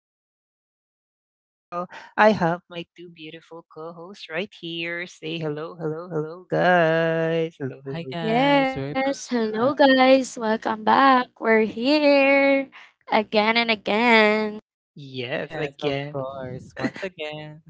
Chaos, and as usual, I have my two beautiful co hosts right here. Say hello, hello, hello, guys. Hello, Hi hello. guys, we're back. Yes, hello guys. Welcome back. We're here again and again. Yes, Yes, of again. course. Once again.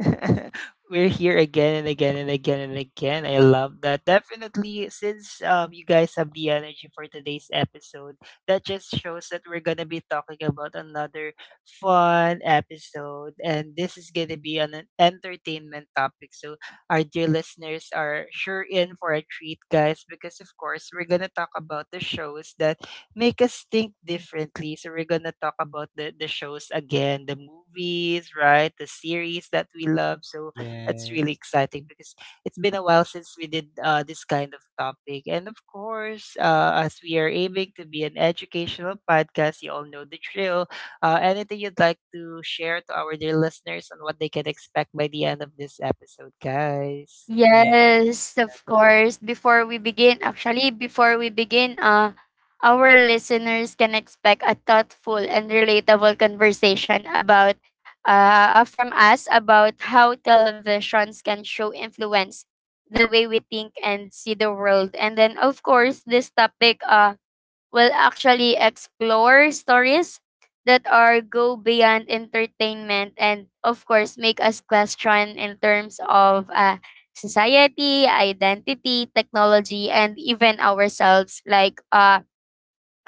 We're here again and again and again and again. I love that. Definitely, since you guys have the energy for today's episode, that just shows that we're gonna be talking about another fun episode, and this is gonna be an entertainment topic. So our dear listeners are sure in for a treat, guys, because of course we're gonna talk about the shows that make us think differently. So we're gonna talk about the shows again, the movies, right? The series that we love. So that's Yes. really exciting because it's been a while since we did this kind of topic. And of course, as we are aiming to be an educational podcast, you all know the drill. Anything you'd like to share to our dear listeners on what they can expect by the end of this episode, guys? Yes. Yes, of of course. Before we begin, our listeners can expect a thoughtful and relatable conversation about from us about how televisions can show influence the way we think and see the world. And then of course, this topic will actually explore stories that are go beyond entertainment and of course make us question in terms of society identity technology and even ourselves like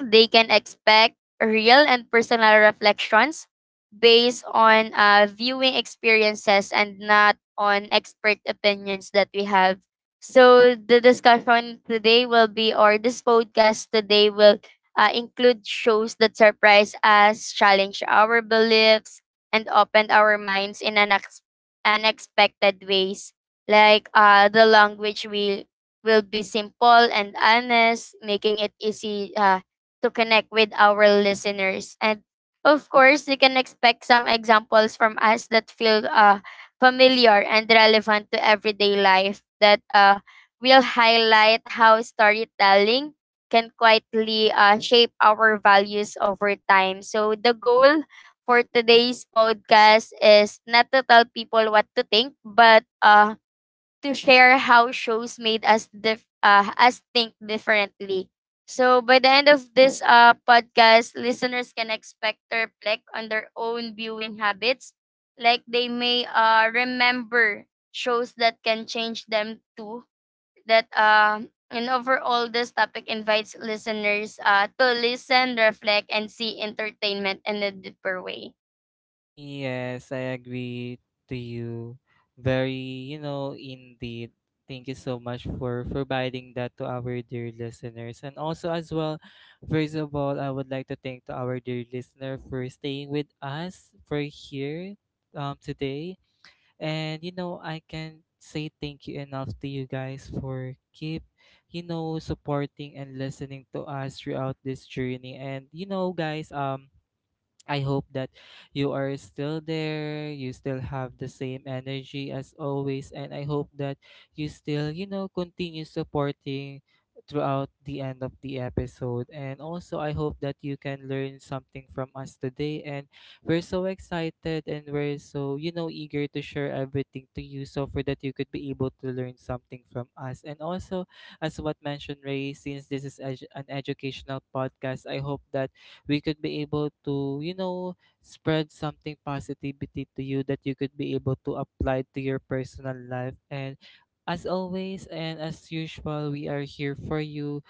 they can expect real and personal reflections based on viewing experiences and not on expert opinions that we have. So the discussion today will be, or this podcast today will include shows that surprise us, challenge our beliefs, and open our minds in unexpected ways. Like the language we will be simple and honest, making it easy to connect with our listeners. And of course, you can expect some examples from us that feel familiar and relevant to everyday life that will highlight how storytelling can quietly shape our values over time. So, the goal for today's podcast is not to tell people what to think, but to share how shows made us think differently. So by the end of this podcast, listeners can expect to reflect on their own viewing habits, like they may remember shows that can change them too. That and overall, this topic invites listeners to listen, reflect, and see entertainment in a deeper way. Yes, I agree to you. Very, Indeed. Thank you so much for providing that to our dear listeners. And also as well, first of all, I would like to thank to our dear listener for staying with us for here today. And you know, I can't say thank you enough to you guys for keep, supporting and listening to us throughout this journey. And you know, guys, I hope that you are still there, you still have the same energy as always, and I hope that you still, you know, continue supporting throughout the end of the episode. And also, I hope that you can learn something from us today. And we're so excited and we're so, you know, eager to share everything to you so for that you could be able to learn something from us. And also, as what mentioned, Ray, since this is an educational podcast, I hope that we could be able to, you know, spread something positivity to you that you could be able to apply to your personal life. And as always and as usual, we are here for you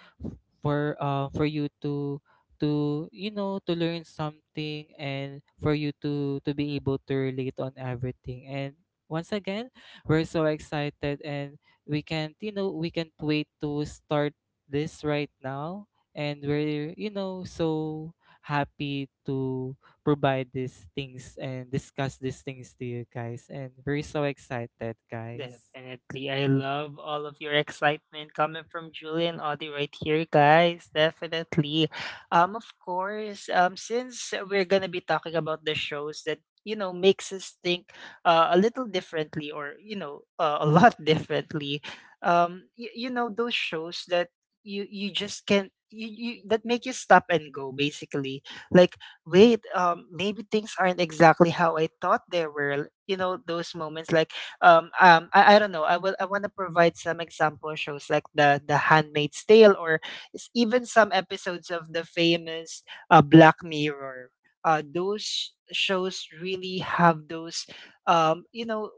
for you to you know to learn something and for you to be able to relate on everything and once again we're so excited and we can't you know we can't wait to start this right now and we're you know so happy to provide these things and discuss these things to you guys. And we're so excited, guys. Definitely. I love all of your excitement coming from Julie and Audie right here, guys. Definitely. Of course, since we're gonna be talking about the shows that you know makes us think a little differently, or you know a lot differently, you, you know those shows that you just can't you, you that make you stop and go basically like wait, maybe things aren't exactly how I thought they were, you know, those moments like I don't know. I will. I want to provide some example shows like the Handmaid's Tale, or even some episodes of the famous Black Mirror. Those shows really have those, um, you know,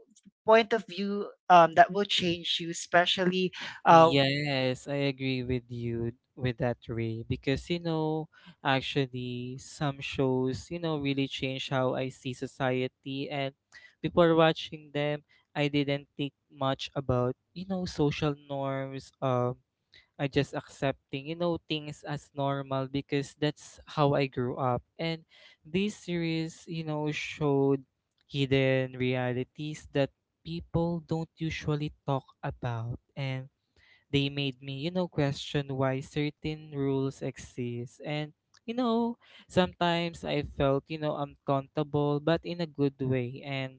point of view that will change you, especially. Uh, Yes, I agree with you with that, Ray, because you know, actually, some shows, you know, really change how I see society. And before watching them, I didn't think much about, you know, social norms. I just accepting, you know, things as normal because that's how I grew up. And this series, you know, showed hidden realities that people don't usually talk about. And they made me, you know, question why certain rules exist. And, you know, sometimes I felt, you know, uncomfortable, but in a good way. And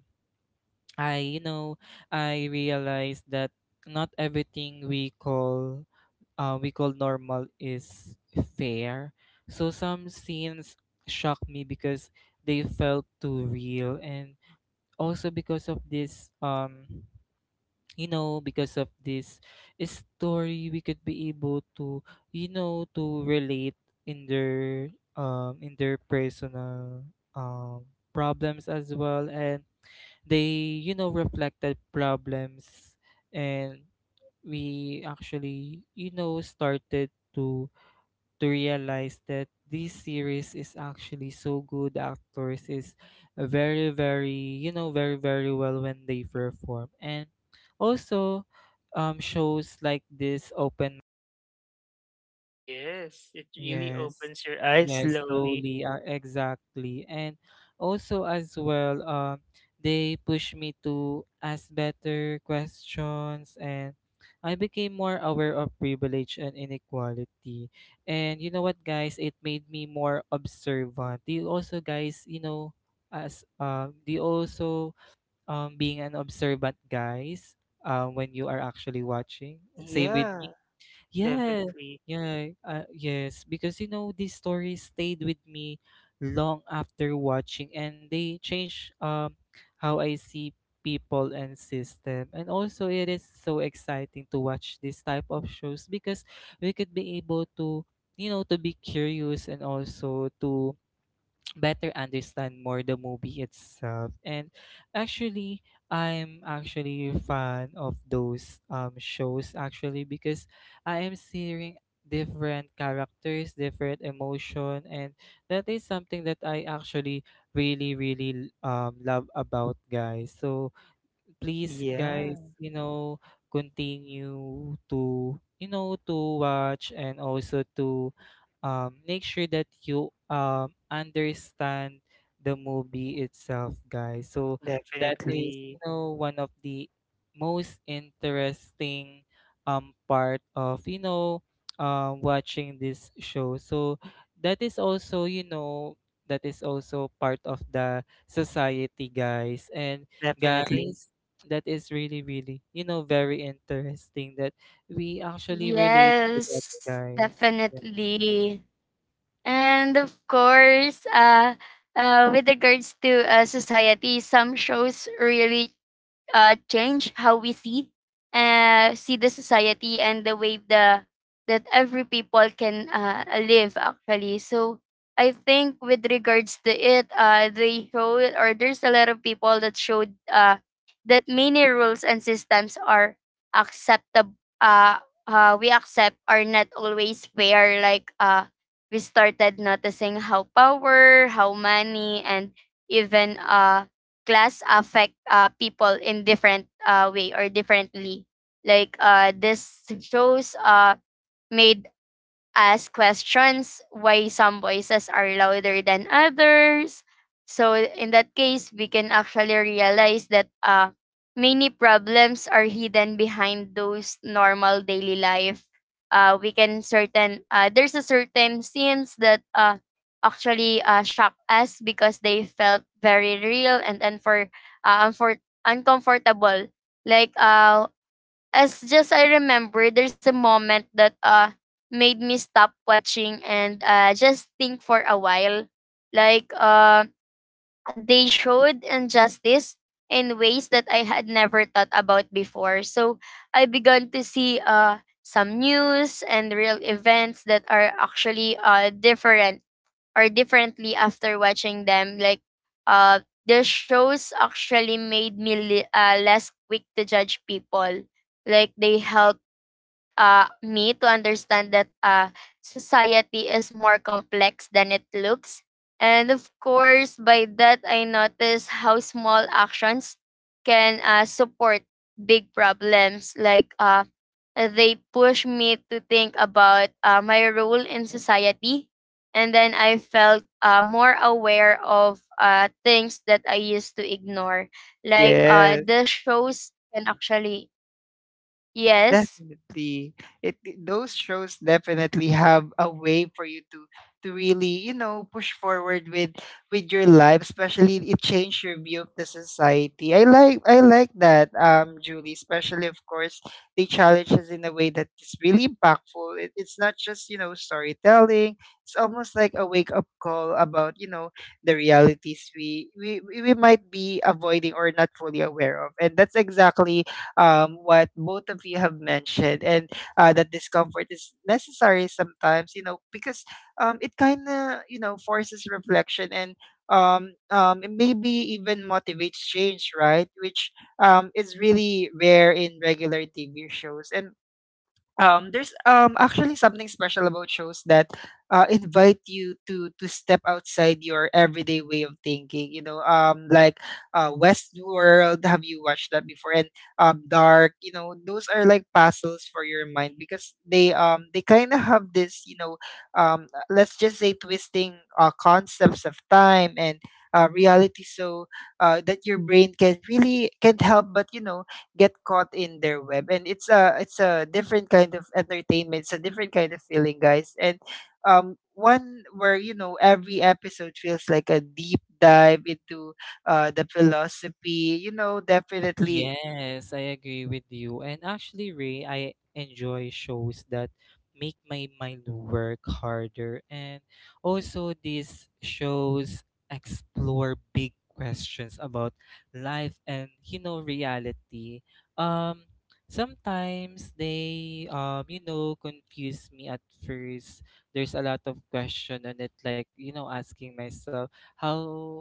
I, you know, I realized that not everything we call normal is fair. So some scenes shocked me because they felt too real, and also because of this, you know, because of this story, we could be able to, you know, to relate in their, in their personal, um, problems as well, and they, you know, reflected problems, and we actually, you know, started to realize that this series is actually so good, actors is very you know very well when they perform. And also shows like this open. yes, it really Yes. opens your eyes Yes, slowly. slowly. Exactly. And also as well, they push me to ask better questions and I became more aware of privilege and inequality. And you know what, guys, it made me more observant. Do you also guys, you know, as do you also being an observant guys when you are actually watching? Same with Yeah, me. Yeah, definitely. yeah, yes. Because you know these stories stayed with me long after watching, and they change how I see people and system. And also, it is so exciting to watch this type of shows because we could be able to, you know, to be curious and also to better understand more the movie itself. And actually I'm actually a fan of those shows actually because I am seeing different characters, different emotion, and that is something that I actually really love about guys. So please Yeah, guys, you know, continue to you know to watch and also to make sure that you understand the movie itself guys. So that is you definitely, know one of the most interesting part of you know watching this show. So that is also you know that is also part of the society guys. And definitely. guys, that is you know, very interesting that we actually relate to that, Yes, guys. Yeah. definitely. And of course, with regards to society, some shows really change how we see the society and the way the that every people can live actually. So I think with regards to it, they show or there's a lot of people that showed that many rules and systems are acceptable. Uh, we accept are not always fair. Like we started noticing how power, how money, and even class affect people in different way or differently. Like this shows made ask questions why some voices are louder than others. So in that case, we can actually realize that many problems are hidden behind those normal daily life. We can certain there's a certain scenes that actually shock us because they felt very real and uncomfortable. Like as just I remember, there's a moment that made me stop watching and just think for a while. Like they showed injustice in ways that I had never thought about before. So I began to see some news and real events that are actually different or differently after watching them. Like, uh, the shows actually made me less quick to judge people. Like, they help me to understand that society is more complex than it looks. And of course, by that, I noticed how small actions can support big problems. Like, they push me to think about my role in society. And then I felt more aware of things that I used to ignore. Like, Yes. this shows can actually, yes. Definitely. Those shows definitely have a way for you to really, you know, push forward with your life, especially it changed your view of the society. I like that, Julie, especially of course they challenge us in a way that is really impactful. It's not just, you know, storytelling. It's almost like a wake up call about, you know, the realities we might be avoiding or not fully aware of. And that's exactly what both of you have mentioned, and that discomfort is necessary sometimes, you know, because it kind of, you know, forces reflection and it maybe even motivates change, right? Which is really rare in regular TV shows. And there's actually something special about shows that invite you to step outside your everyday way of thinking. You know, like Westworld. Have you watched that before? And Dark. You know, those are like puzzles for your mind, because they kind of have this, you know, let's just say twisting concepts of time and reality. So that your brain can really can't help but, you know, get caught in their web, and it's a different kind of entertainment, it's a different kind of feeling, guys, and one where, you know, every episode feels like a deep dive into the philosophy, you know. Definitely. Yes, I agree with you. And actually, Ray, I enjoy shows that make my mind work harder. And also, these shows explore big questions about life and, you know, reality. Um, Sometimes they, you know, confuse me at first. There's a lot of question on it, like, you know, asking myself, how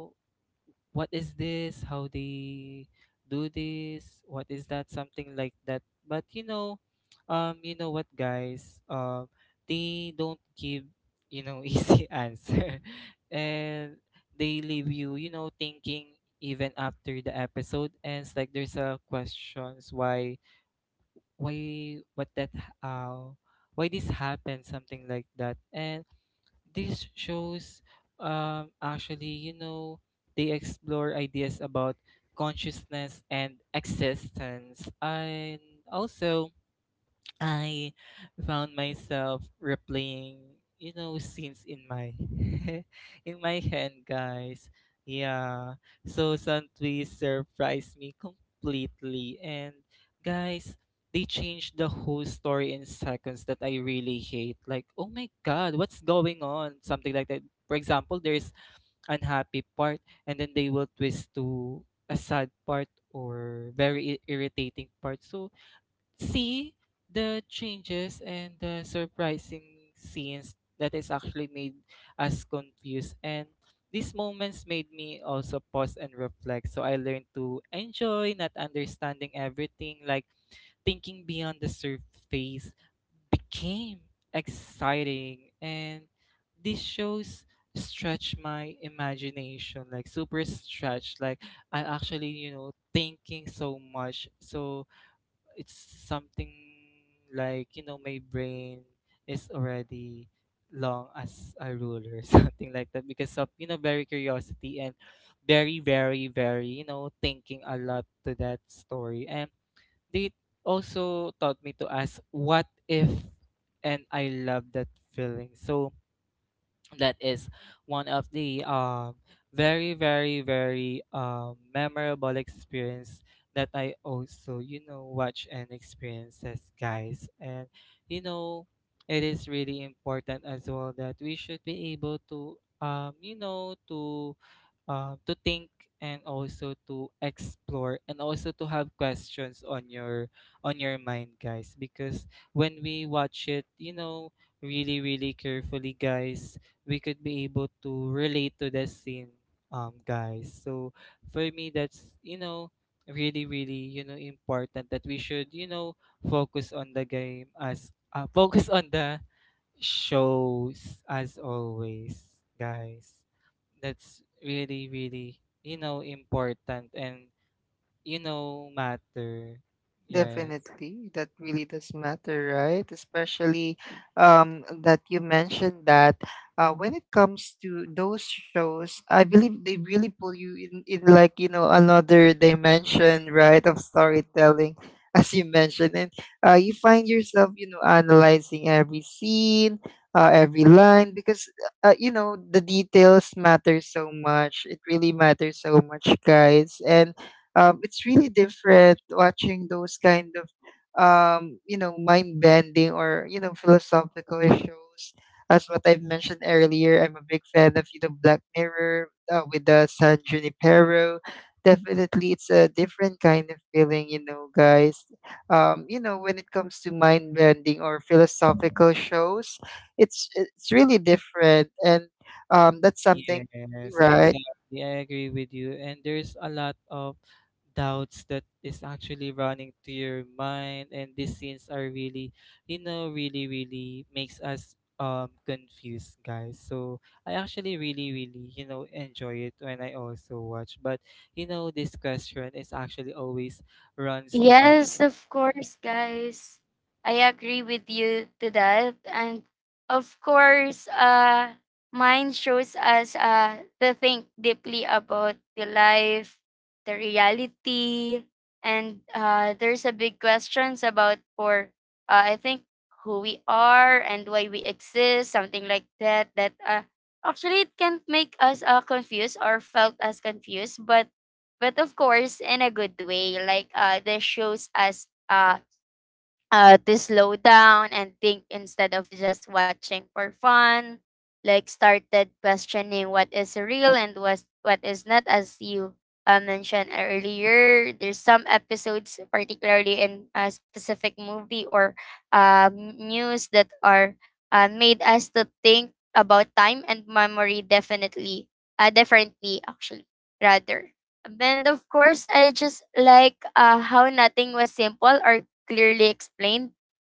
what is this, how they do this, what is that, something like that. But you know what guys they don't give you know easy answer. And they leave you you know thinking even after the episode ends, like there's a questions why, what that, how why this happened, something like that. And these shows actually you know they explore ideas about consciousness and existence. And also I found myself replaying, you know, scenes in my in my head, guys. Yeah. So Santui surprised me completely and guys, they changed the whole story in seconds that I really hate. Like, oh my god, what's going on? Something like that. For example, there's unhappy part and then they will twist to a sad part or very irritating part. So see the changes and the surprising scenes that is actually made us confused. And these moments made me also pause and reflect, so I learned to enjoy not understanding everything. Like thinking beyond the surface became exciting. And this shows stretch my imagination, like super stretch, like I actually you know thinking so much. So it's something like you know my brain is already long as a ruler something like that, because of you know very curiosity and very very very you know thinking a lot to that story. And they also taught me to ask what if, and I love that feeling. So that is one of the very very very memorable experience that I also you know watch and experiences guys. And you know it is really important as well that we should be able to you know to think, and also to explore, and also to have questions on your mind guys. Because when we watch it you know really really carefully guys, we could be able to relate to the scene guys. So for me that's you know really really you know important that we should you know focus on the game, as focus on the shows as always guys. That's really really you know important and you know matter. Yes. Definitely, that really does matter, right? Especially that you mentioned that when it comes to those shows, I believe they really pull you in like, you know, another dimension, right, of storytelling, as you mentioned, and you find yourself, you know, analyzing every scene, every line, because you know the details matter so much. It really matters so much, guys, and it's really different watching those kind of, you know, mind bending, or you know, philosophical shows. As what I've mentioned earlier, I'm a big fan of, you know, Black Mirror with the San Junipero. Definitely, it's a different kind of feeling, you know, guys. You know, when it comes to mind bending or philosophical shows, it's really different, and that's something, Yes, right? exactly. I agree with you. And there's a lot of doubts that is actually running to your mind, and these scenes are really, you know, really, really makes us confused, guys. So I actually really, really, you know, enjoy it when I also watch. But you know, this question is actually always runs to my. Yes, of course, guys. I agree with you to that. And of course, mine shows us to think deeply about the life, the reality, and there's a big questions about for I think who we are and why we exist, something like that. Actually it can make us confused or felt as confused, but of course in a good way like this shows us to slow down and think instead of just watching for fun. Like started questioning what is real and what is not, as you mentioned earlier. There's some episodes, particularly in a specific movie or news, that are made us to think about time and memory definitely, differently actually, rather. And of course, I just like how nothing was simple or clearly explained.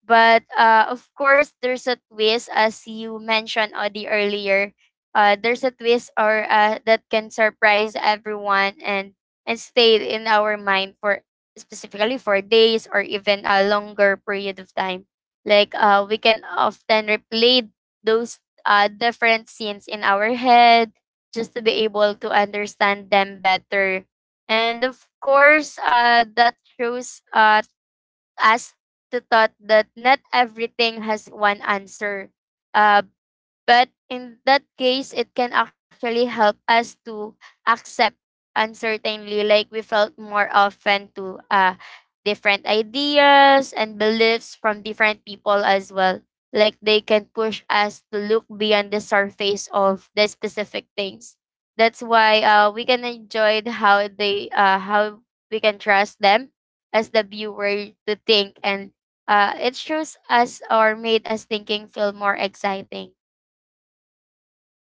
But of course, there's a twist, as you mentioned, Audie, earlier. There's a twist or that can surprise everyone and stay in our mind for specifically for days or even a longer period of time. Like we can often replay those different scenes in our head just to be able to understand them better. And of course, that shows us to thought that not everything has one answer, uh, but in that case, it can actually help us to accept uncertainty. Like we felt more often to different ideas and beliefs from different people as well. Like they can push us to look beyond the surface of the specific things. That's why we can enjoy how they how we can trust them as the viewer to think and it shows us or made us thinking feel more exciting.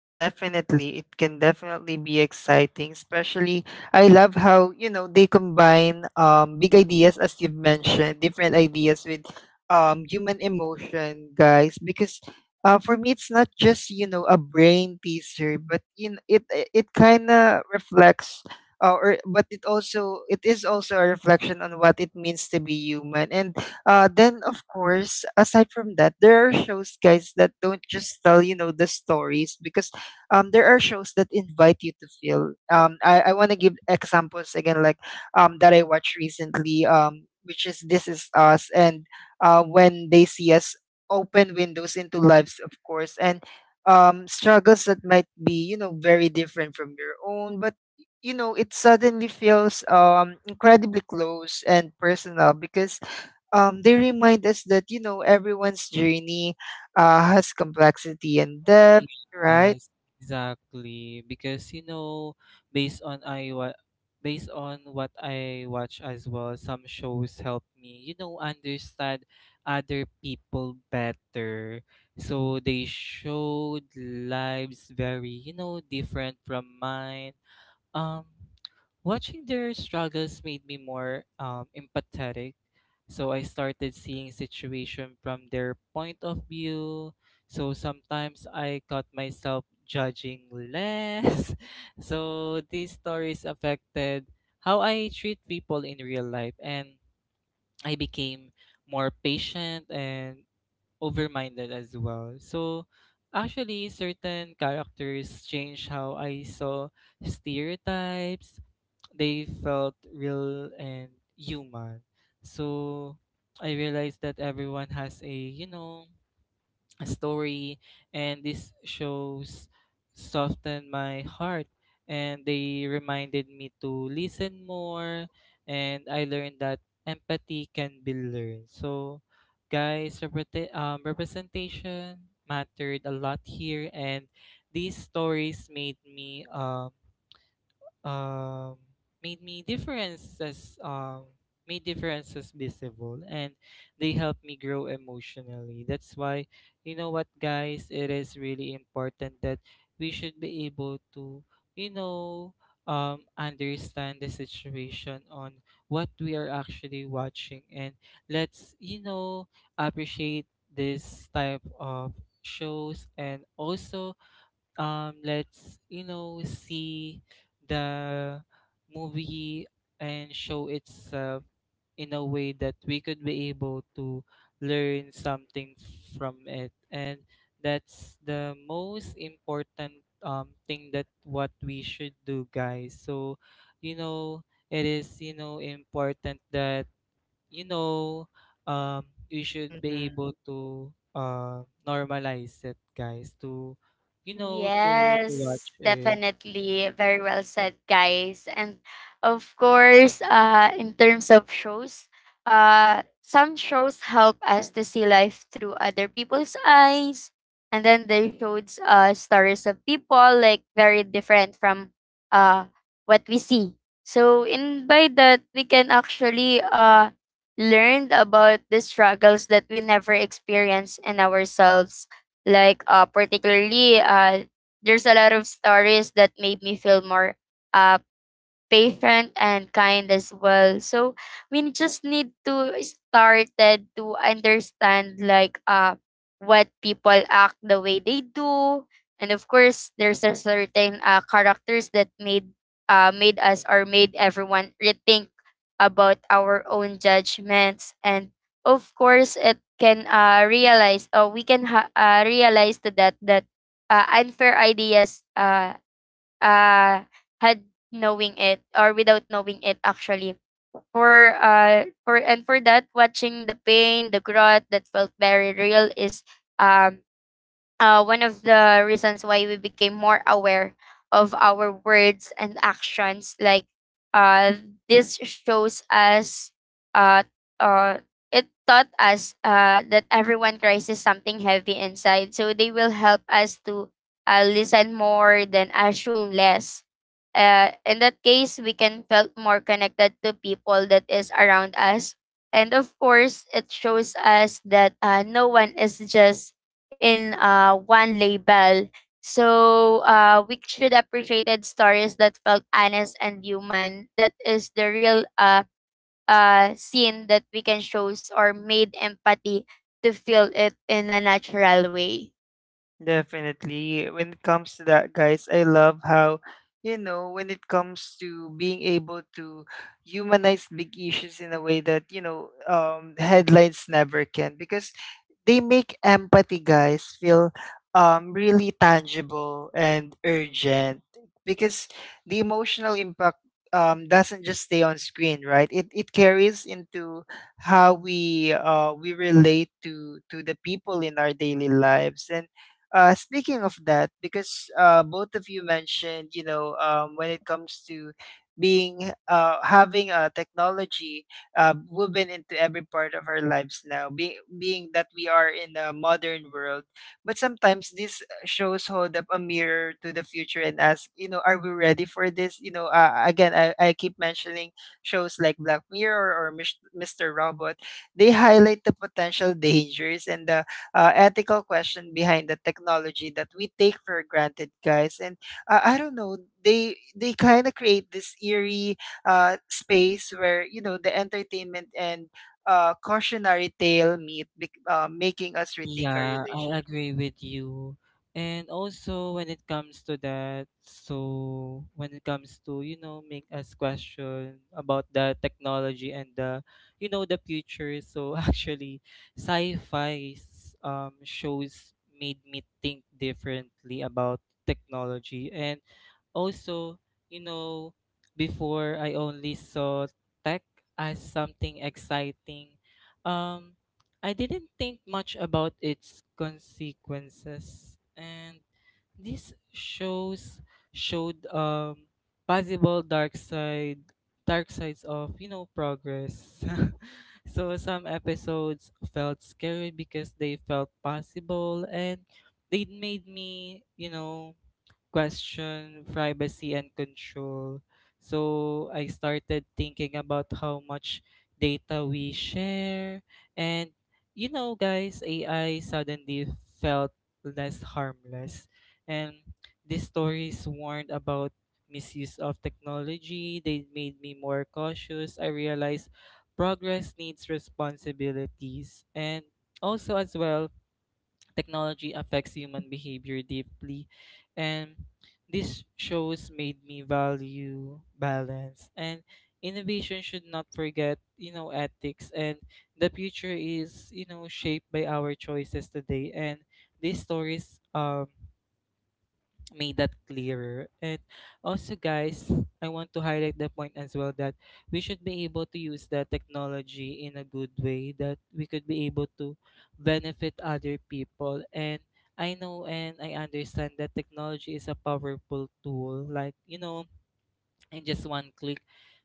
Definitely, it can definitely be exciting, especially I love how, you know, they combine big ideas as you've mentioned, different ideas with human emotion, guys, because for me it's not just, you know, a brain teaser, but you know, it kind of reflects or but it also it is also a reflection on what it means to be human. And then of course, aside from that, there are shows, guys, that don't just tell, you know, the stories, because there are shows that invite you to feel. I want to give examples again, like that I watched recently, which is This Is Us, and when they see us open windows into lives, of course, and struggles that might be, you know, very different from your own, but you know, it suddenly feels incredibly close and personal, because they remind us that, you know, everyone's journey has complexity and depth, right? Yes, exactly. Because you know, based on I wa based on what I watch as well, some shows help me, you know, understand other people better. So they showed lives very, you know, different from mine. Um, Watching their struggles made me more empathetic. So I started seeing situation from their point of view. So sometimes I caught myself judging less. So these stories affected how I treat people in real life, and I became more patient and over-minded as well. So actually certain characters changed how I saw stereotypes. They felt real and human. So I realized that everyone has a, you know, a story. And these shows softened my heart, and they reminded me to listen more, and I learned that empathy can be learned. So guys, representation mattered a lot here. And these stories made me um, differences made differences visible, and they helped me grow emotionally. That's why you know what guys it is really important that we should be able to you know understand the situation on what we are actually watching. And let's you know appreciate this type of shows. And also let's you know see the movie and show itself in a way that we could be able to learn something from it. And that's the most important thing that what we should do guys. So you know it is you know important that you know, um, we should be Mhm. able to normalize it, guys, to, you know, to watch Yes, it. definitely. Very well said, guys. And of course, in terms of shows, some shows help us to see life through other people's eyes. And then they showed stories of people like very different from uh, what we see. So in by that, we can actually learn about the struggles that we never experience in ourselves like particularly there's a lot of stories that made me feel more uh patient and kind as well. So we just need to start that to understand like what people act the way they do. And of course there's a certain characters that made us or made everyone rethink about our own judgments and of course it can realize or we can realize to that unfair ideas uh, had knowing it or without knowing it actually for and for that watching the pain the growth that felt very real is um one of the reasons why we became more aware of our words and actions like uh, this shows us uh, uh, it taught us that everyone cries is something heavy inside so they will help us to listen more than assume less in that case we can felt more connected to people that is around us and of course it shows us that no one is just in one label. So we should appreciated stories that felt honest and human. That is the real scene that we can shows or made empathy to feel it in a natural way. Definitely. When it comes to that, guys, I love how, you know, when it comes to being able to humanize big issues in a way that, you know, headlines never can. Because they make empathy, guys, feel really tangible and urgent, because the emotional impact doesn't just stay on screen, right? It carries into how we relate to the people in our daily lives. And speaking of that, because both of you mentioned, you know, when it comes to being having a technology woven into every part of our lives now, being that we are in a modern world. But sometimes these shows hold up a mirror to the future and ask, you know, are we ready for this? You know, I keep mentioning shows like Black Mirror or Mr. Robot. They highlight the potential dangers and the ethical question behind the technology that we take for granted, guys. And I don't know, they kind of create this eerie space where, you know, the entertainment and cautionary tale meet, making us rethink our Yeah, I relationship. agree with you. And also, when it comes to that, so when it comes to, you know, make us question about the technology and the, you know, the future. So actually, sci-fi shows made me think differently about technology. And also, you know, before I only saw tech as something exciting. um, I didn't think much about its consequences. And this shows showed possible dark sides of, you know, progress. so some episodes felt scary because they felt possible, and they made me, you know, question privacy and control. So I started thinking about how much data we share. And, you know, guys, AI suddenly felt less harmless. And these stories warned about misuse of technology. They made me more cautious. I realized progress needs responsibilities. And also, as well, technology affects human behavior deeply. And this shows made me value balance, and innovation should not forget, you know, ethics, and the future is, you know, shaped by our choices today, and these stories made that clearer. And also, guys, I want to highlight the point as well that we should be able to use the technology in a good way that we could be able to benefit other people. And I know and I understand that technology is a powerful tool. Like, you know, in just one click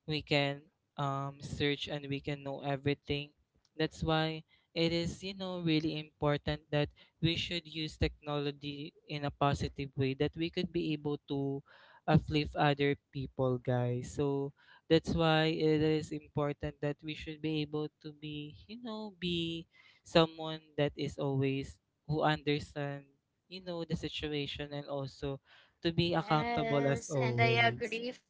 we can search and we can know everything. That's why it is, you know, really important that we should use technology in a positive way that we could be able to uplift other people, guys. So that's why it is important that we should be able to be, you know, be someone that is always who understand, you know, the situation, and also to be accountable as Yes, and I always. agree.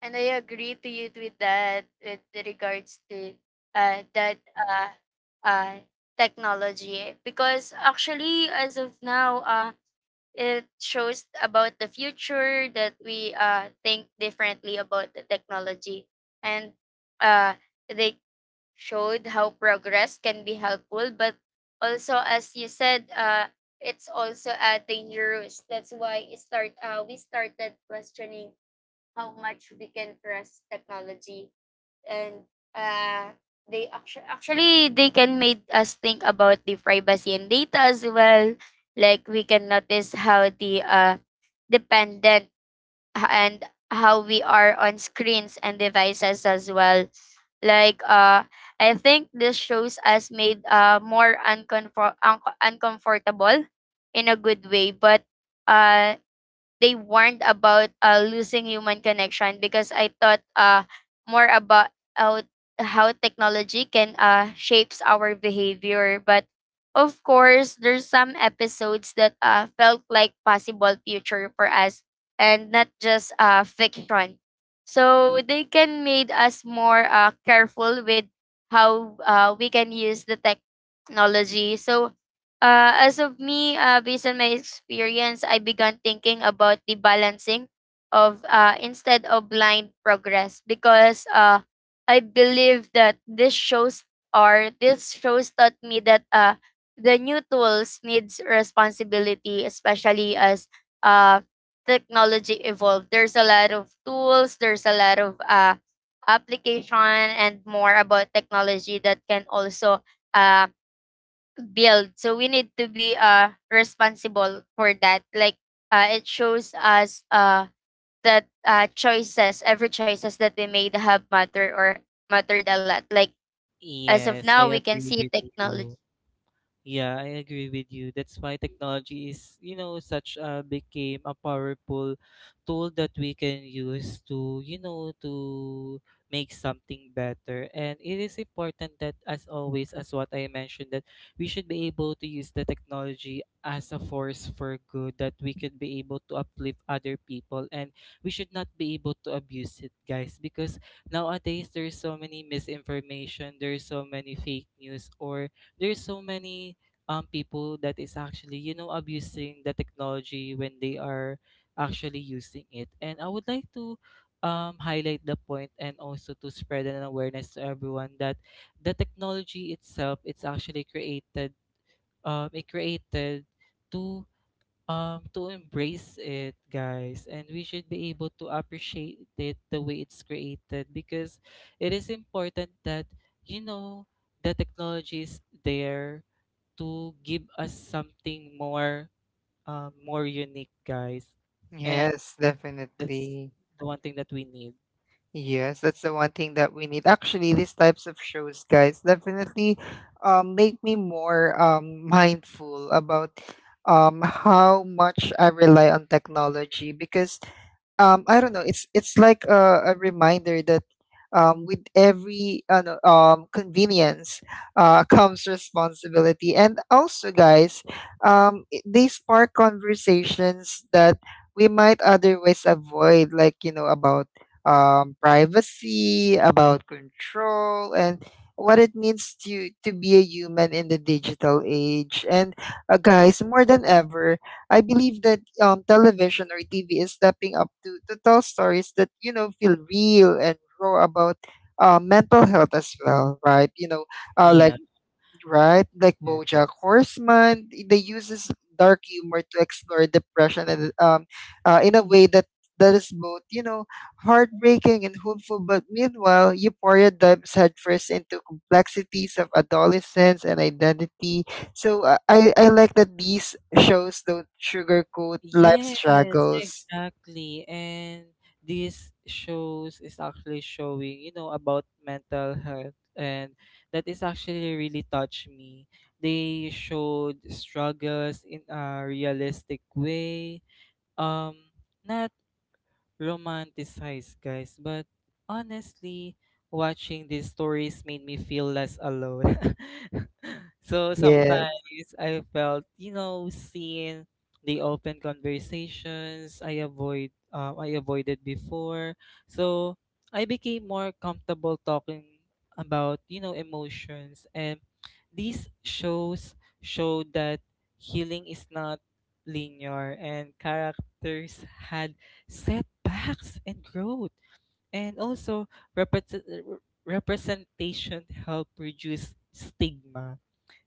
And I agree to you with that with regards to that uh, technology because actually as of now it shows about the future that we think differently about the technology. And uh, they showed how progress can be helpful, but also, as you said, it's also dangerous. That's why we started questioning how much we can trust technology and uh they actually they can make us think about the privacy and data as well like we can notice how the dependent h- and how we are on screens and devices as well like I think this shows us made more uncomfortable in a good way but uh they warned about losing human connection because I thought more about how, how technology can shapes our behavior. But of course, there's some episodes that felt like possible future for us and not just fiction. So they can made us more careful with how we can use the technology. So as of me, based on my experience, I began thinking about the balancing of instead of blind progress because I believe that this shows taught me that the new tools needs responsibility, especially as uh, technology evolved. There's a lot of tools. There's a lot of application and more about technology that can also uh, build. So we need to be responsible for that. Like it shows us that choices, every choices that we made have matter or mattered a lot. Like as of Yes, now I we can agree see with technology. you. Yeah, I agree with you. That's why technology is, you know, such a became a powerful tool that we can use to, you know, to make something better. And it is important that as always, as what I mentioned, that we should be able to use the technology as a force for good, that we could be able to uplift other people, and we should not be able to abuse it, guys, because nowadays there's so many misinformation, there's so many fake news, or there's so many people that is actually, you know, abusing the technology when they are actually using it. And I would like to highlight the point and also to spread an awareness to everyone that the technology itself, it's actually created, it created to to embrace it, guys, and we should be able to appreciate it the way it's created, because it is important that, you know, the technology is there to give us something more, more unique, guys. And Yes, that's definitely. the one thing that we need. Yes, that's the one thing that we need. Actually, these types of shows, guys, definitely make me more mindful about how much I rely on technology, because I don't know. It's like a reminder that with every no, convenience comes responsibility. And also, guys, they spark conversations that we might otherwise avoid, like, you know, about privacy, about control, and what it means to be a human in the digital age. And guys, more than ever I believe that television or TV is stepping up to tell stories that, you know, feel real and raw about mental health as well, right? You know, like Yeah. right? Like Yes. BoJack Horseman, they uses dark humor to explore depression and in a way that is both, you know, heartbreaking and hopeful. But meanwhile, Euphoria dives headfirst into complexities of adolescence and identity. So I like that these shows don't sugarcoat life Yes, struggles. exactly. And these shows is actually showing, you know, about mental health, and that is actually really touched me. They showed struggles in a realistic way. Um Not romanticized, guys. But honestly, watching these stories made me feel less alone. so Yeah. sometimes I felt, you know, seen the open conversations I avoid I avoided before. So I became more comfortable talking about, you know, emotions, and these shows show that healing is not linear, and characters had setbacks and growth, and also represent, representation help reduce stigma,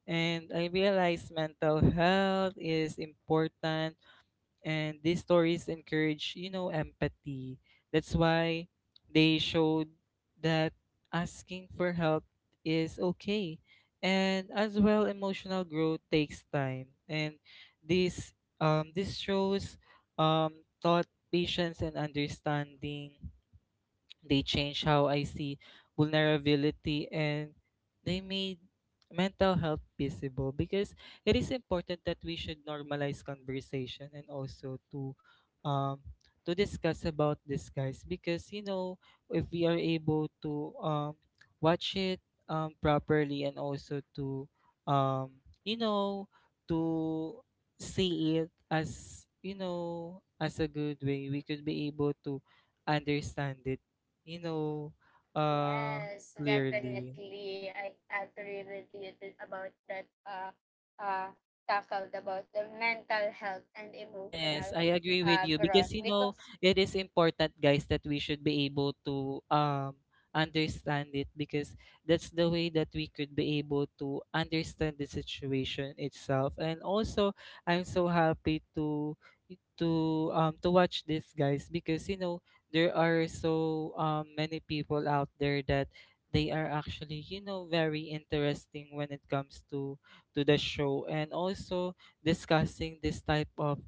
and I realize mental health is important, and these stories encourage, you know, empathy. That's why they showed that asking for help is okay, and as well emotional growth takes time, and this this shows um thought patience and understanding. They changed how I see vulnerability, and they made mental health visible, because it is important that we should normalize conversation and also um to discuss about this, guys, because you know, if we are able to watch it properly and also to um you know, to see it as, you know, as a good way, we could be able to understand it, you know, uh, Yes, clearly. definitely. I agree with you about that uh tackled about the mental health and Yes, emotional I agree with you, because growth you know because it is important, guys, that we should be able to understand it, because that's the way that we could be able to understand the situation itself. And also, I'm so happy to to watch this, guys, because you know there are so many people out there that they are actually, you know, very interesting when it comes to the show, and also discussing this type of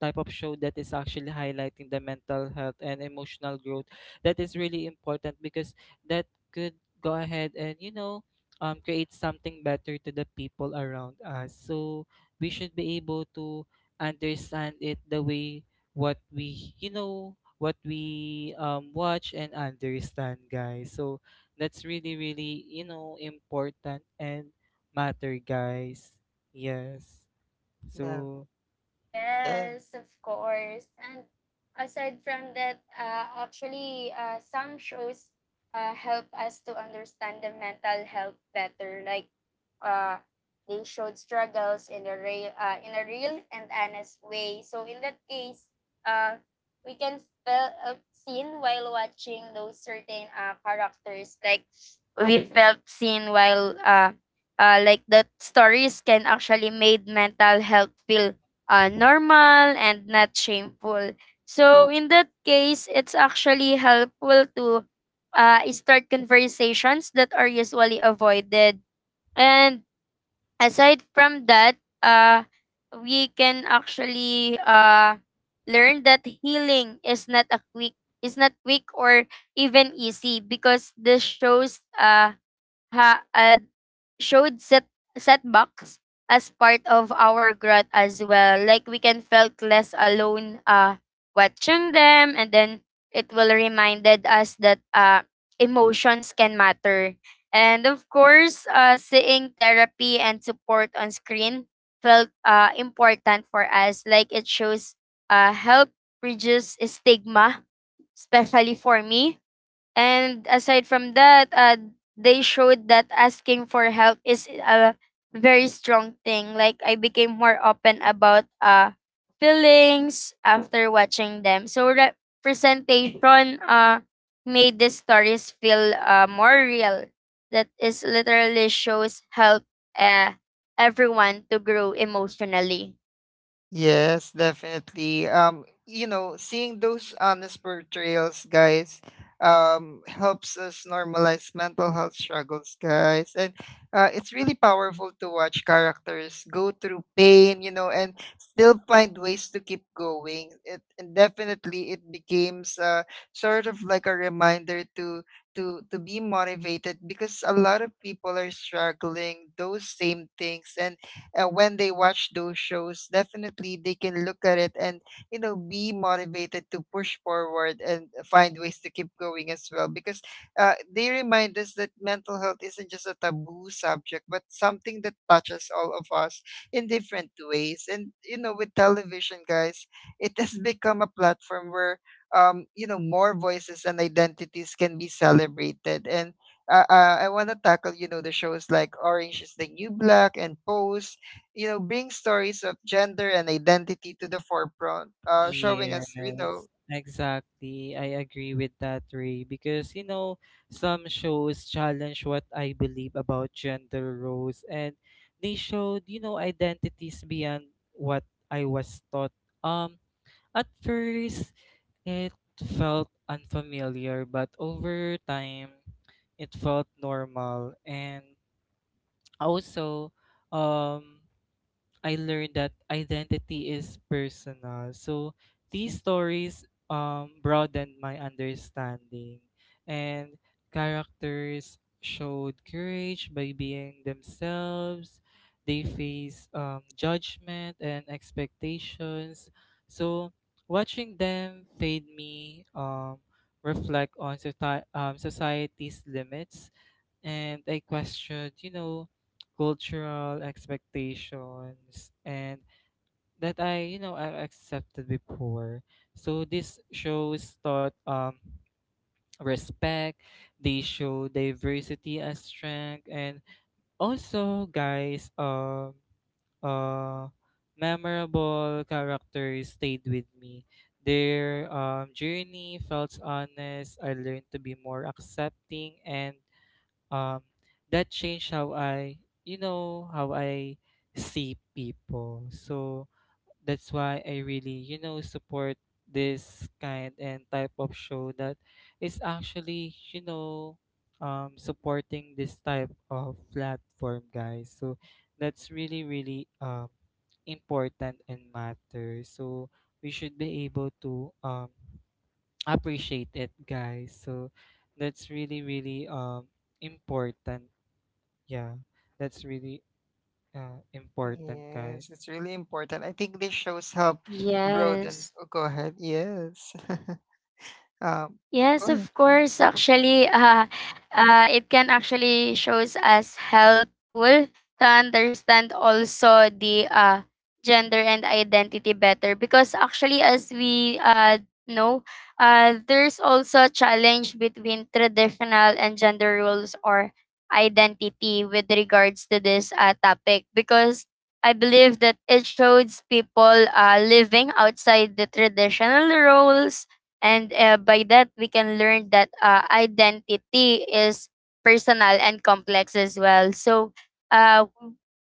show that is actually highlighting the mental health and emotional growth. That is really important, because that could go ahead and, you know, create something better to the people around us. So we should be able to understand it the way what we, you know, what we watch and understand, guys. So that's really really, you know, important and matter, guys. Yes. So Yeah. yes, of course. And aside from that, actually, some shows help us to understand the mental health better. Like, uh, they showed struggles in a real and honest way. So in that case, uh, we can feel seen while watching those certain characters. Like, we felt seen while like the stories can actually made mental health feel normal and not shameful. So in that case, it's actually helpful to start conversations that are usually avoided. And aside from that, uh, we can actually learn that healing is not a quick is not quick or even easy because this shows ha- uh showed setbacks as part of our growth as well. Like we can felt less alone watching them, and then it will reminded us that emotions can matter. And of course, seeing therapy and support on screen felt important for us. Like it shows help reduce stigma, especially for me. And aside from that, they showed that asking for help is a very strong thing. Like I became more open about feelings after watching them. So representation made the stories feel more real. That is literally shows help uh everyone to grow emotionally. Yes, definitely. You know, seeing those honest portrayals, guys, helps us normalize mental health struggles, guys. And it's really powerful to watch characters go through pain, you know, and still find ways to keep going. It and Definitely it becomes sort of like a reminder to be motivated, because a lot of people are struggling those same things, and when they watch those shows, definitely they can look at it and, you know, be motivated to push forward and find ways to keep going as well, because they remind us that mental health isn't just a taboo subject but something that touches all of us in different ways. And you know, with television, guys, it has become a platform where you know, more voices and identities can be celebrated. And I want to tackle, you know, the shows like Orange is the New Black and Pose, you know, bring stories of gender and identity to the forefront, showing us, you know, yes, exactly. I agree with that, Ray, because you know, some shows challenge what I believe about gender roles, and they showed, you know, identities beyond what I was taught. Um, at first it felt unfamiliar, but over time it felt normal, and also um I learned that identity is personal. So these stories broadened my understanding, and characters showed courage by being themselves. They face judgment and expectations. So watching them made me reflect on society's limits, and I questioned, you know, cultural expectations and that I, you know, I accepted before. So this shows taught respect, they show diversity as strength, and also guys, uh memorable characters stayed with me. Their journey felt honest. I learned to be more accepting, and um that changed how I, you know, how I see people. So that's why I really, you know, support this kind and type of show that is actually, you know, supporting this type of platform, guys. So that's really really important and matter. So we should be able to appreciate it, guys. So that's really really important. Yeah, that's really, important, guys. yes, it's really important. I think these shows help broaden. Yes. Oh, go ahead. Yes. um, Yes, go ahead. of course. Actually, it can actually shows as helpful to understand also the gender and identity better because actually, as we know, there's also a challenge between traditional and gender roles or identity with regards to this topic, because I believe that it shows people living outside the traditional roles. And by that, we can learn that identity is personal and complex as well. So, uh,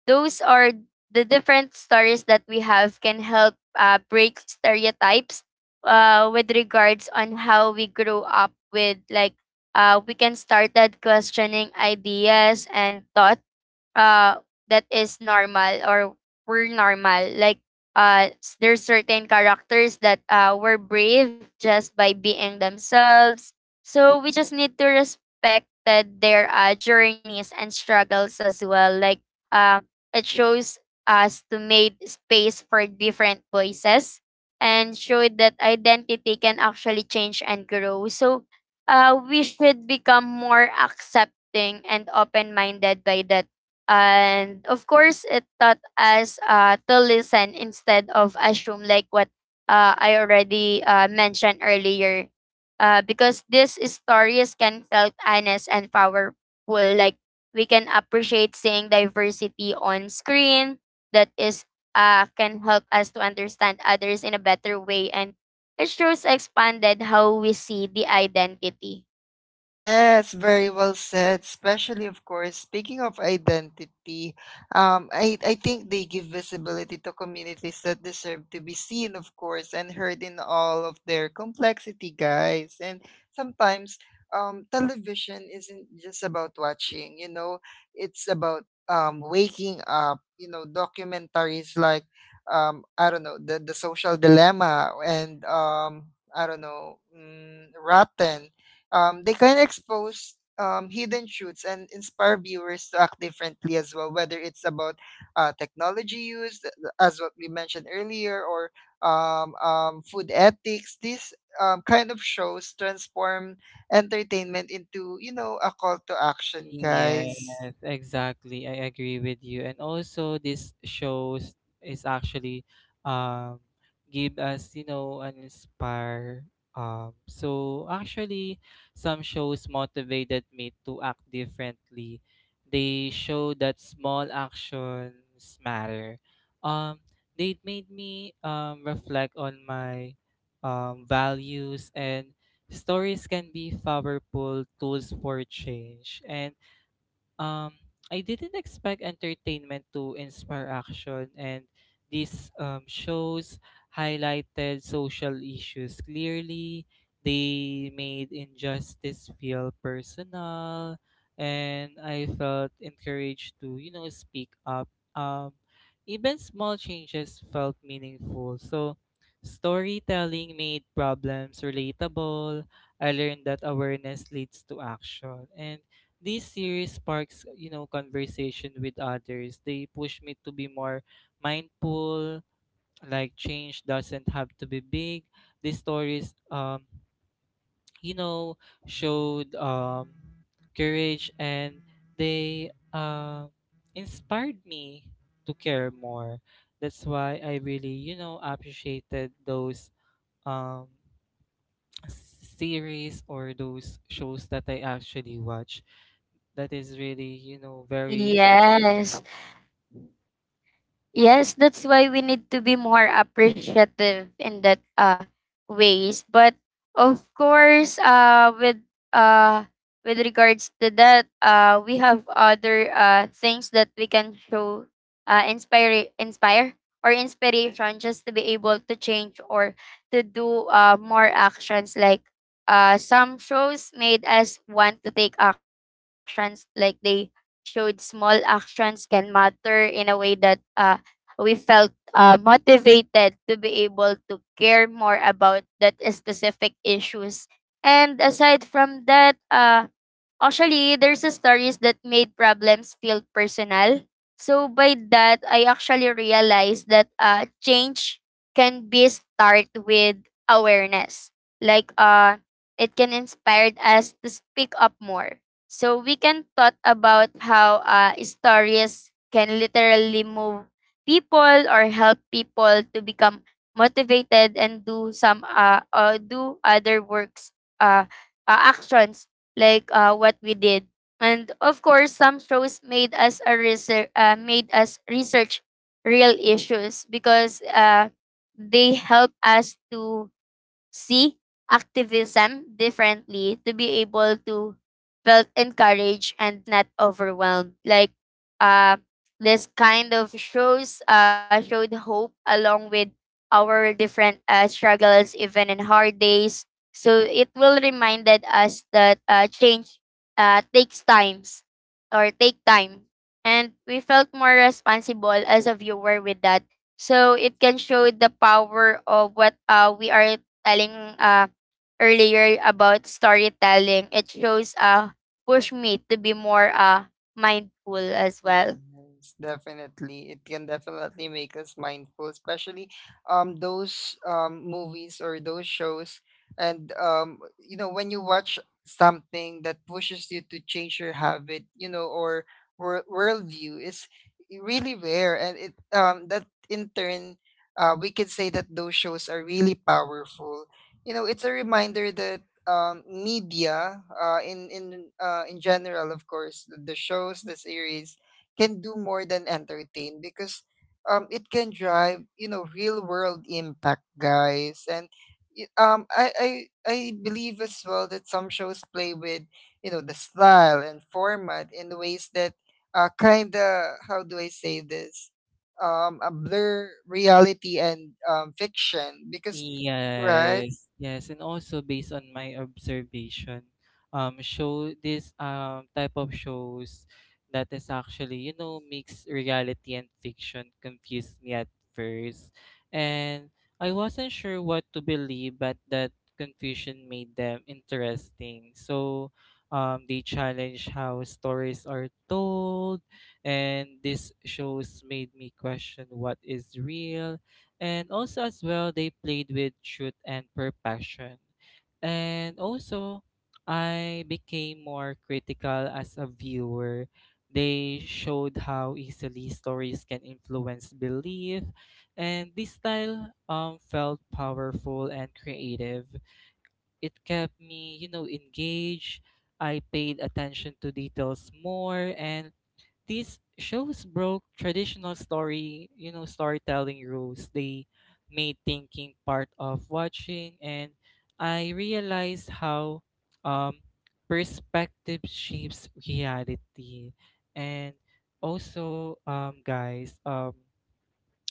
those are the different stories that we have can help break stereotypes with regards on how we grew up with. Like we can start that questioning ideas and thoughts uh that is normal, or we're normal, like there's certain characters that were brave just by being themselves. So we just need to respect that their journeys and struggles as well. Like uh, it shows us to make space for different voices and show that identity can actually change and grow. So we should become more accepting and open-minded by that. And of course, it taught us to listen instead of assume, like what I already mentioned earlier, because these stories can felt honest and powerful. Like we can appreciate seeing diversity on screen that is can help us to understand others in a better way, and it shows expanded how we see the identity. Yes, very well said. Especially, of course, speaking of identity, I think they give visibility to communities that deserve to be seen, of course, and heard in all of their complexity, guys. And sometimes television isn't just about watching, it's about waking up. You know, documentaries like, I don't know, the Social Dilemma and, I don't know, Rotten, they can expose hidden truths and inspire viewers to act differently as well, whether it's about technology use, as what we mentioned earlier, or food ethics. These kind of shows transform entertainment into, you know, a call to action, guys. Yes, exactly. I agree with you. And also this shows is actually um give us, you know, an inspire. So actually some shows motivated me to act differently. They show that small actions matter. Um they made me reflect on my values, and stories can be powerful tools for change, and um, I didn't expect entertainment to inspire action, and these shows highlighted social issues clearly. They made injustice feel personal, and I felt encouraged to, you know, speak up. Um, Even small changes felt meaningful. So, storytelling made problems relatable. I learned that awareness leads to action, and this series sparks, you know, conversation with others. They push me to be more mindful, like change doesn't have to be big. These stories you know, showed courage, and they inspired me to care more. That's why I really, you know, appreciated those um series or those shows that I actually watch, that is really, you know, very Yes. Yes, that's why we need to be more appreciative in that ways. But of course, uh with regards to that, we have other things that we can show inspire inspire or inspiration just to be able to change or to do more actions. Like some shows made us want to take actions, like they showed small actions can matter in a way that we felt motivated to be able to care more about that specific issues. And aside from that, actually, there's a stories that made problems feel personal. So by that, I actually realized that change can be start with awareness. Like it can inspire us to speak up more. So we can thought about how stories can literally move people or help people to become motivated and do some do other works uh, actions, like what we did. And of course, some shows made us research real issues, because they help us to see activism differently to be able to felt encouraged and not overwhelmed. Like uh this kind of shows showed hope along with our different struggles even in hard days. So it will reminded us that change takes times or take time, and we felt more responsible as a viewer with that. So it can show the power of what we are telling earlier about storytelling. It shows push me to be more mindful as well. Yes, definitely. It can definitely make us mindful, especially those movies or those shows, and you know, when you watch something that pushes you to change your habit, you know, or worldview, is really rare. And it, that in turn, we could say that those shows are really powerful. You know, it's a reminder that media, in general, of course, the shows, the series, can do more than entertain, because it can drive, you know, real world impact, guys. And y- um I, I I believe as well that some shows play with, you know, the style and format in ways that kind of, how do I say this, a blur reality and fiction, because right. yes, yes, and also based on my observation, show this type of shows that is actually, you know, mix reality and fiction confused me at first, and I wasn't sure what to believe, but that confusion made them interesting. So, they challenge how stories are told, and these shows made me question what is real, and also as well they played with truth and perfection, and also I became more critical as a viewer. They showed how easily stories can influence belief, and this style felt powerful and creative. It kept me, you know, engaged. I paid attention to details more, and these shows broke traditional story, you know, storytelling rules. They made thinking part of watching, and I realized how um, perspective shapes reality. And also, guys,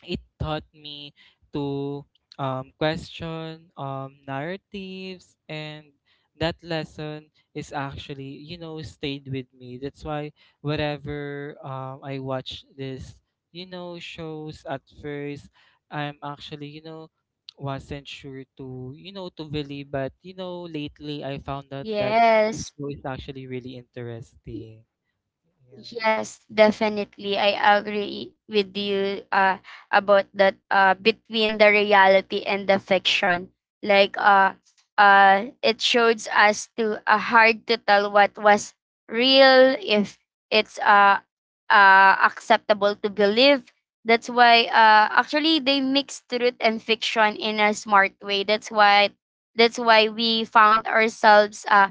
it taught me to question narratives, and that lesson is actually, you know, stayed with me. That's why whenever I watch this, you know, shows at first I'm actually, you know, wasn't sure to, you know, to believe, but you know lately I found out that this Yes. show is actually really interesting. Yeah. Yes, definitely. I agree with you about that between the reality and the fiction. Like it shows us to hard to tell what was real, if it's acceptable to believe. That's why actually they mix truth and fiction in a smart way. That's why we found ourselves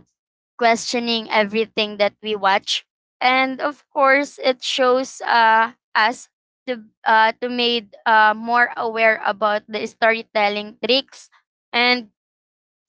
questioning everything that we watch. And of course, it shows us to made more aware about the storytelling tricks, and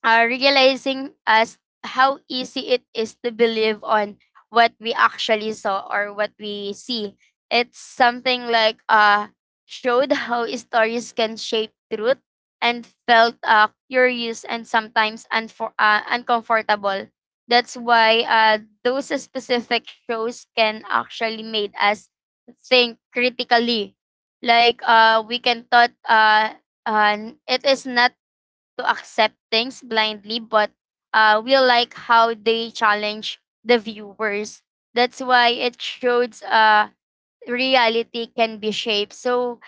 realizing us how easy it is to believe on what we actually saw or what we see. It's something like showed how stories can shape truth and felt curious and sometimes uncomfortable. That's why those specific shows can actually made us think critically. Like we can thought it is not to accept things blindly, but we like how they challenge the viewers. That's why it shows reality can be shaped. So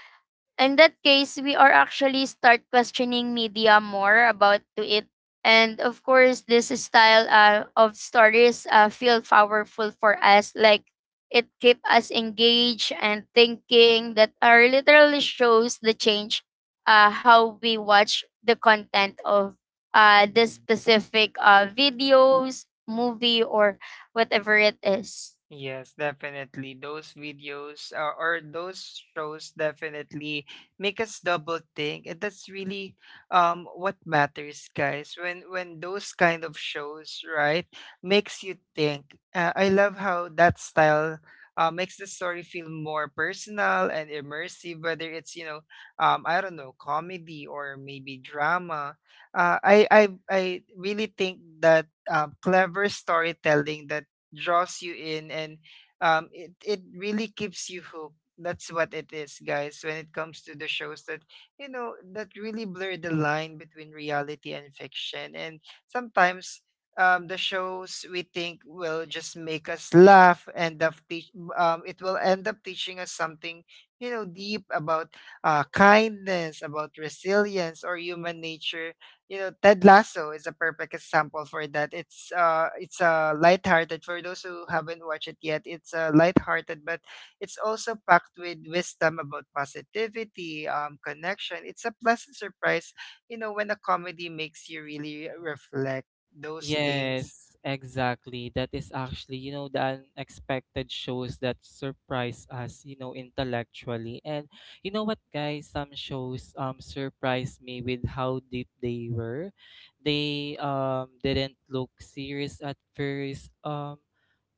in that case, we are actually start questioning media more about to it. And of course, this style of stories feel powerful for us. Like it keep us engaged and thinking that are literally shows the change how we watch the content of the specific videos, movie, or whatever it is. Yes, definitely. Those videos, or those shows, definitely make us double think, and that's really what matters, guys. When those kind of shows, right, makes you think. I love how that style makes the story feel more personal and immersive. Whether it's, you know, I don't know, comedy or maybe drama. Uh, I I I really think that clever storytelling that draws you in and it really keeps you hooked. That's what it is, guys, when it comes to the shows that, you know, that really blur the line between reality and fiction. And sometimes the shows we think will just make us laugh end up teaching us something, you know, deep about kindness, about resilience, or human nature. You know, Ted Lasso is a perfect example for that. It's a lighthearted. For those who haven't watched it yet, it's, lighthearted, but it's also packed with wisdom about positivity, connection. It's a pleasant surprise, you know, when a comedy makes you really reflect those things. Yes, exactly. That is actually, you know, the unexpected shows that surprise us, you know, intellectually. And you know what, guys? Some shows surprised me with how deep they were. They didn't look serious at first.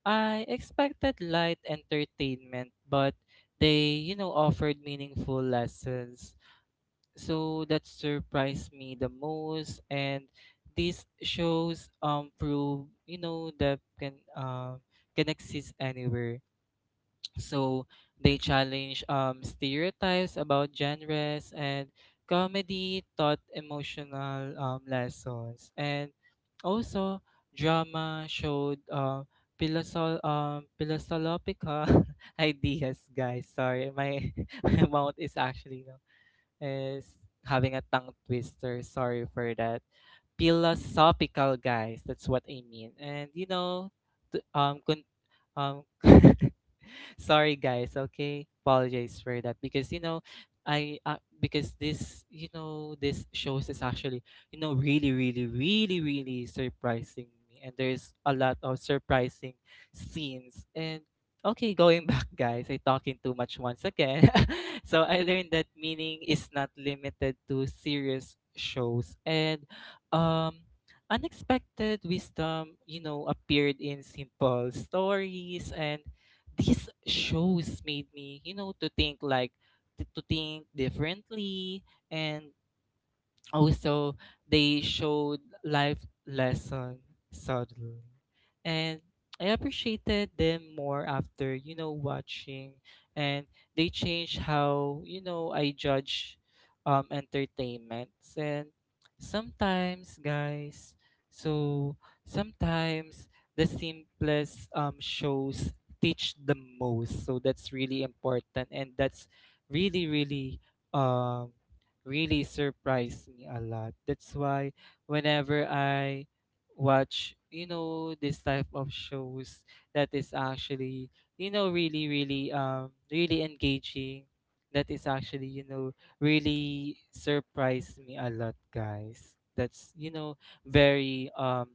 I expected light entertainment, but they, you know, offered meaningful lessons. So that surprised me the most, and this shows prove, you know, that can exist anywhere. So they challenge stereotypes about genres, and comedy taught emotional lessons, and also drama showed philosophical ideas, guys. Sorry, my, my mouth is actually no, is having a tongue twister. Sorry for that. Philosophical, guys. That's what I mean. And you know, t- um, con- um, sorry, guys. Okay, apologize for that, because you know, I because this, you know, this shows is actually, you know, really really really really surprising me, and there's a lot of surprising scenes and okay, going back, guys. I talking too much once again. so I learned that meaning is not limited to serious shows, and um, unexpected wisdom, you know, appeared in simple stories, and these shows made me, you know, to think like to think differently, and also, they showed life lesson subtly. And I appreciated them more after, you know, watching, and they changed how, you know, I judge entertainments, and sometimes guys, so sometimes the simplest shows teach the most. So that's really important, and that's really really um really surprised me a lot. That's why whenever I watch, you know, this type of shows that is actually, you know, really, really, really engaging, that is actually, you know, really surprised me a lot, guys. That's, you know, very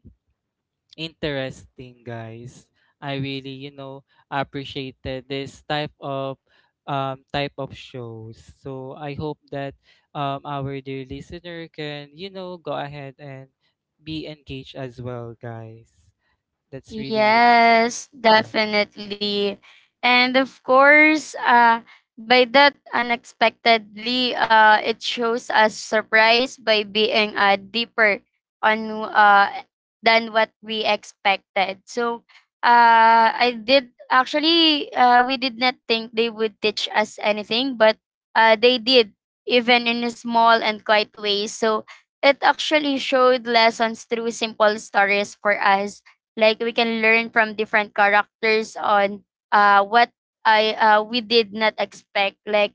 interesting, guys. I really, you know, appreciated this type of shows. So I hope that our dear listener can, you know, go ahead and be engaged as well, guys. That's really you. Yes, definitely. And of course, by that unexpectedly, it shows us surprise by being deeper on than what we expected. So, I did actually we did not think they would teach us anything, but they did, even in a small and quiet way. So it actually showed lessons through simple stories for us. Like we can learn from different characters on what I we did not expect. Like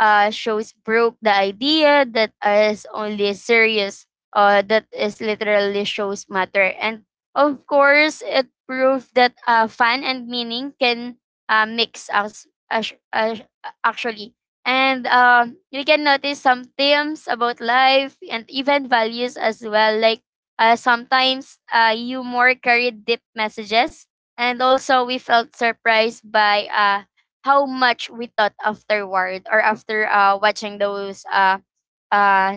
shows broke the idea that is only serious, that is literally shows matter. And of course, it proved that fun and meaning can mix as, actually. And um, you can notice some themes about life and even values as well. Like sometimes humor carried deep messages, and also we felt surprised by how much we thought afterward or after watching those uh,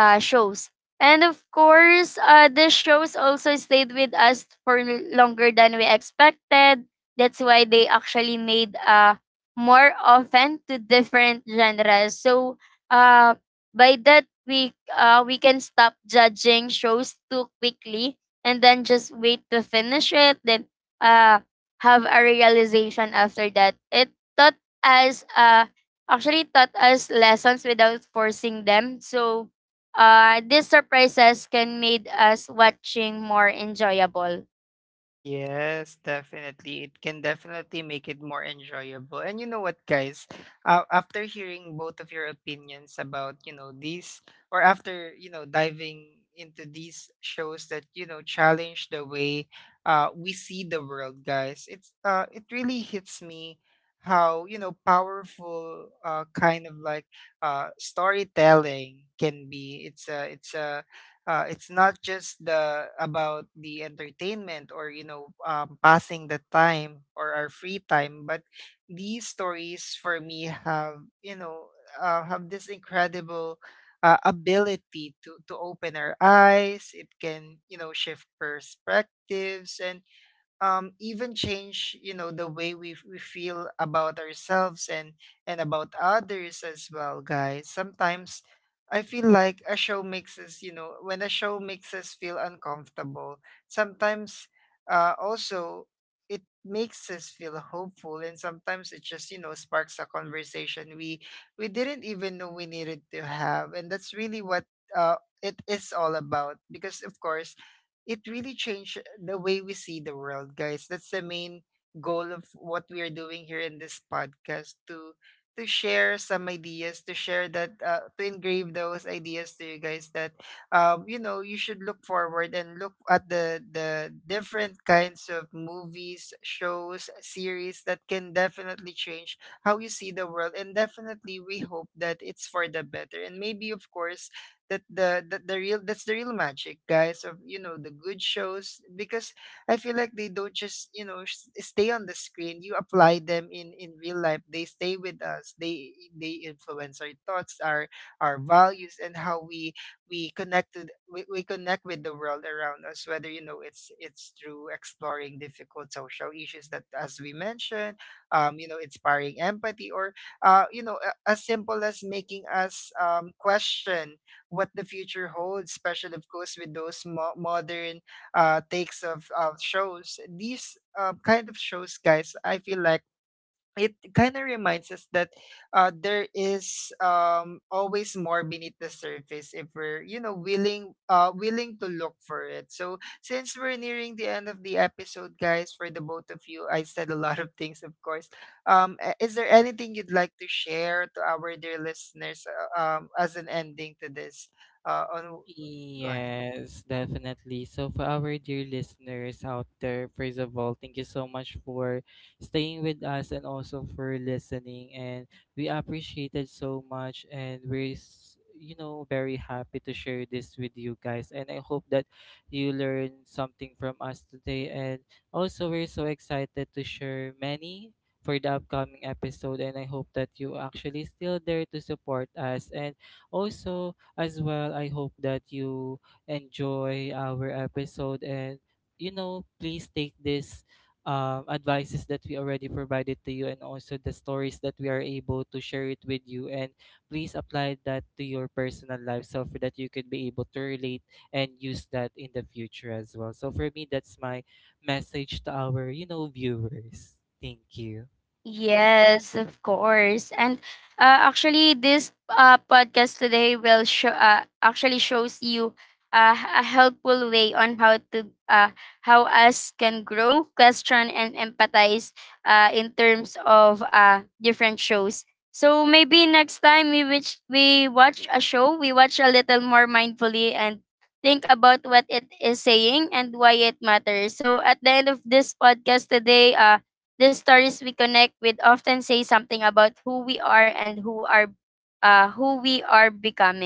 shows. And of course, the shows also stayed with us for longer than we expected. That's why they actually made more often to different genres. So uh, by that, we can stop judging shows too quickly and then just wait to finish it, then uh, have a realization after that. Taught us, uh, actually taught us lessons without forcing them. So these surprises can made us watching more enjoyable. Yes, definitely. It can definitely make it more enjoyable. And you know what, guys? After hearing both of your opinions about, you know, these, or after, you know, diving into these shows that, you know, challenge the way we see the world, guys, it's, it really hits me how, you know, powerful, kind of like, storytelling can be. It's not just the about the entertainment, or, you know, passing the time or our free time, but these stories, for me, have, you know, have this incredible ability to open our eyes. It can, you know, shift perspectives and, even change, you know, the way we feel about ourselves and about others as well, guys. Sometimes I feel like a show makes us, you know, when a show makes us feel uncomfortable, sometimes, also, it makes us feel hopeful, and sometimes it just, you know, sparks a conversation we didn't even know we needed to have. And that's really what uh it is all about, because of course it really changed the way we see the world, guys. That's the main goal of what we are doing here in this podcast, to share some ideas, to share that, to engrave those ideas to you guys, that, you know, you should look forward and look at the different kinds of movies, shows, series that can definitely change how you see the world. And definitely we hope that it's for the better. And maybe, of course, that's the real magic, guys, of, you know, the good shows, because I feel like they don't just, you know, stay on the screen. You apply them in real life. They stay with us. They influence our thoughts, our values, and how we connect to we connect with the world around us, whether, you know, it's through exploring difficult social issues that, as we mentioned, you know, inspiring empathy, or, you know, as simple as making us question what the future holds, especially of course with those modern takes of shows. These, kind of shows, guys, I feel like it kind of reminds us that, there is, always more beneath the surface if we're, you know, willing, willing to look for it. So, since we're nearing the end of the episode, guys, for the both of you, I said a lot of things, of course. Is there anything you'd like to share to our dear listeners, as an ending to this, on go ahead. Yes, definitely. So, for our dear listeners out there, first of all, thank you so much for staying with us and also for listening. And we appreciate it so much. And we're, you know, very happy to share this with you guys. And I hope that you learned something from us today. And also, we're so excited to share many for the upcoming episode. And I hope that you actually still there to support us. And also, as well, I hope that you enjoy our episode and you know, please take this advices that we already provided to you, and also the stories that we are able to share it with you, and please apply that to your personal life, so for that you could be able to relate and use that in the future as well. So for me that's my message to our, you know, viewers. Thank you. Yes, of course. And actually, this podcast today will show actually shows you a helpful way on how to how us can grow, question, and empathize in terms of different shows. So maybe next time we which we watch a show, we watch a little more mindfully and think about what it is saying and why it matters. So at the end of this podcast today, the stories we connect with often say something about who we are and who are who we are becoming.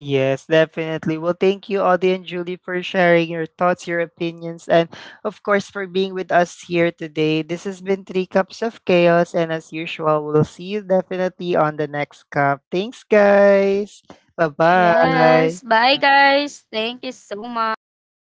Yes, definitely. Well, thank you, Audie and Julie, for sharing your thoughts, your opinions, and of course, for being with us here today. This has been Three Cups of Chaos, and as usual, we'll see you definitely on the next cup. Thanks, guys. Bye Thank Yes. bye. Bye guys. Thank you so much.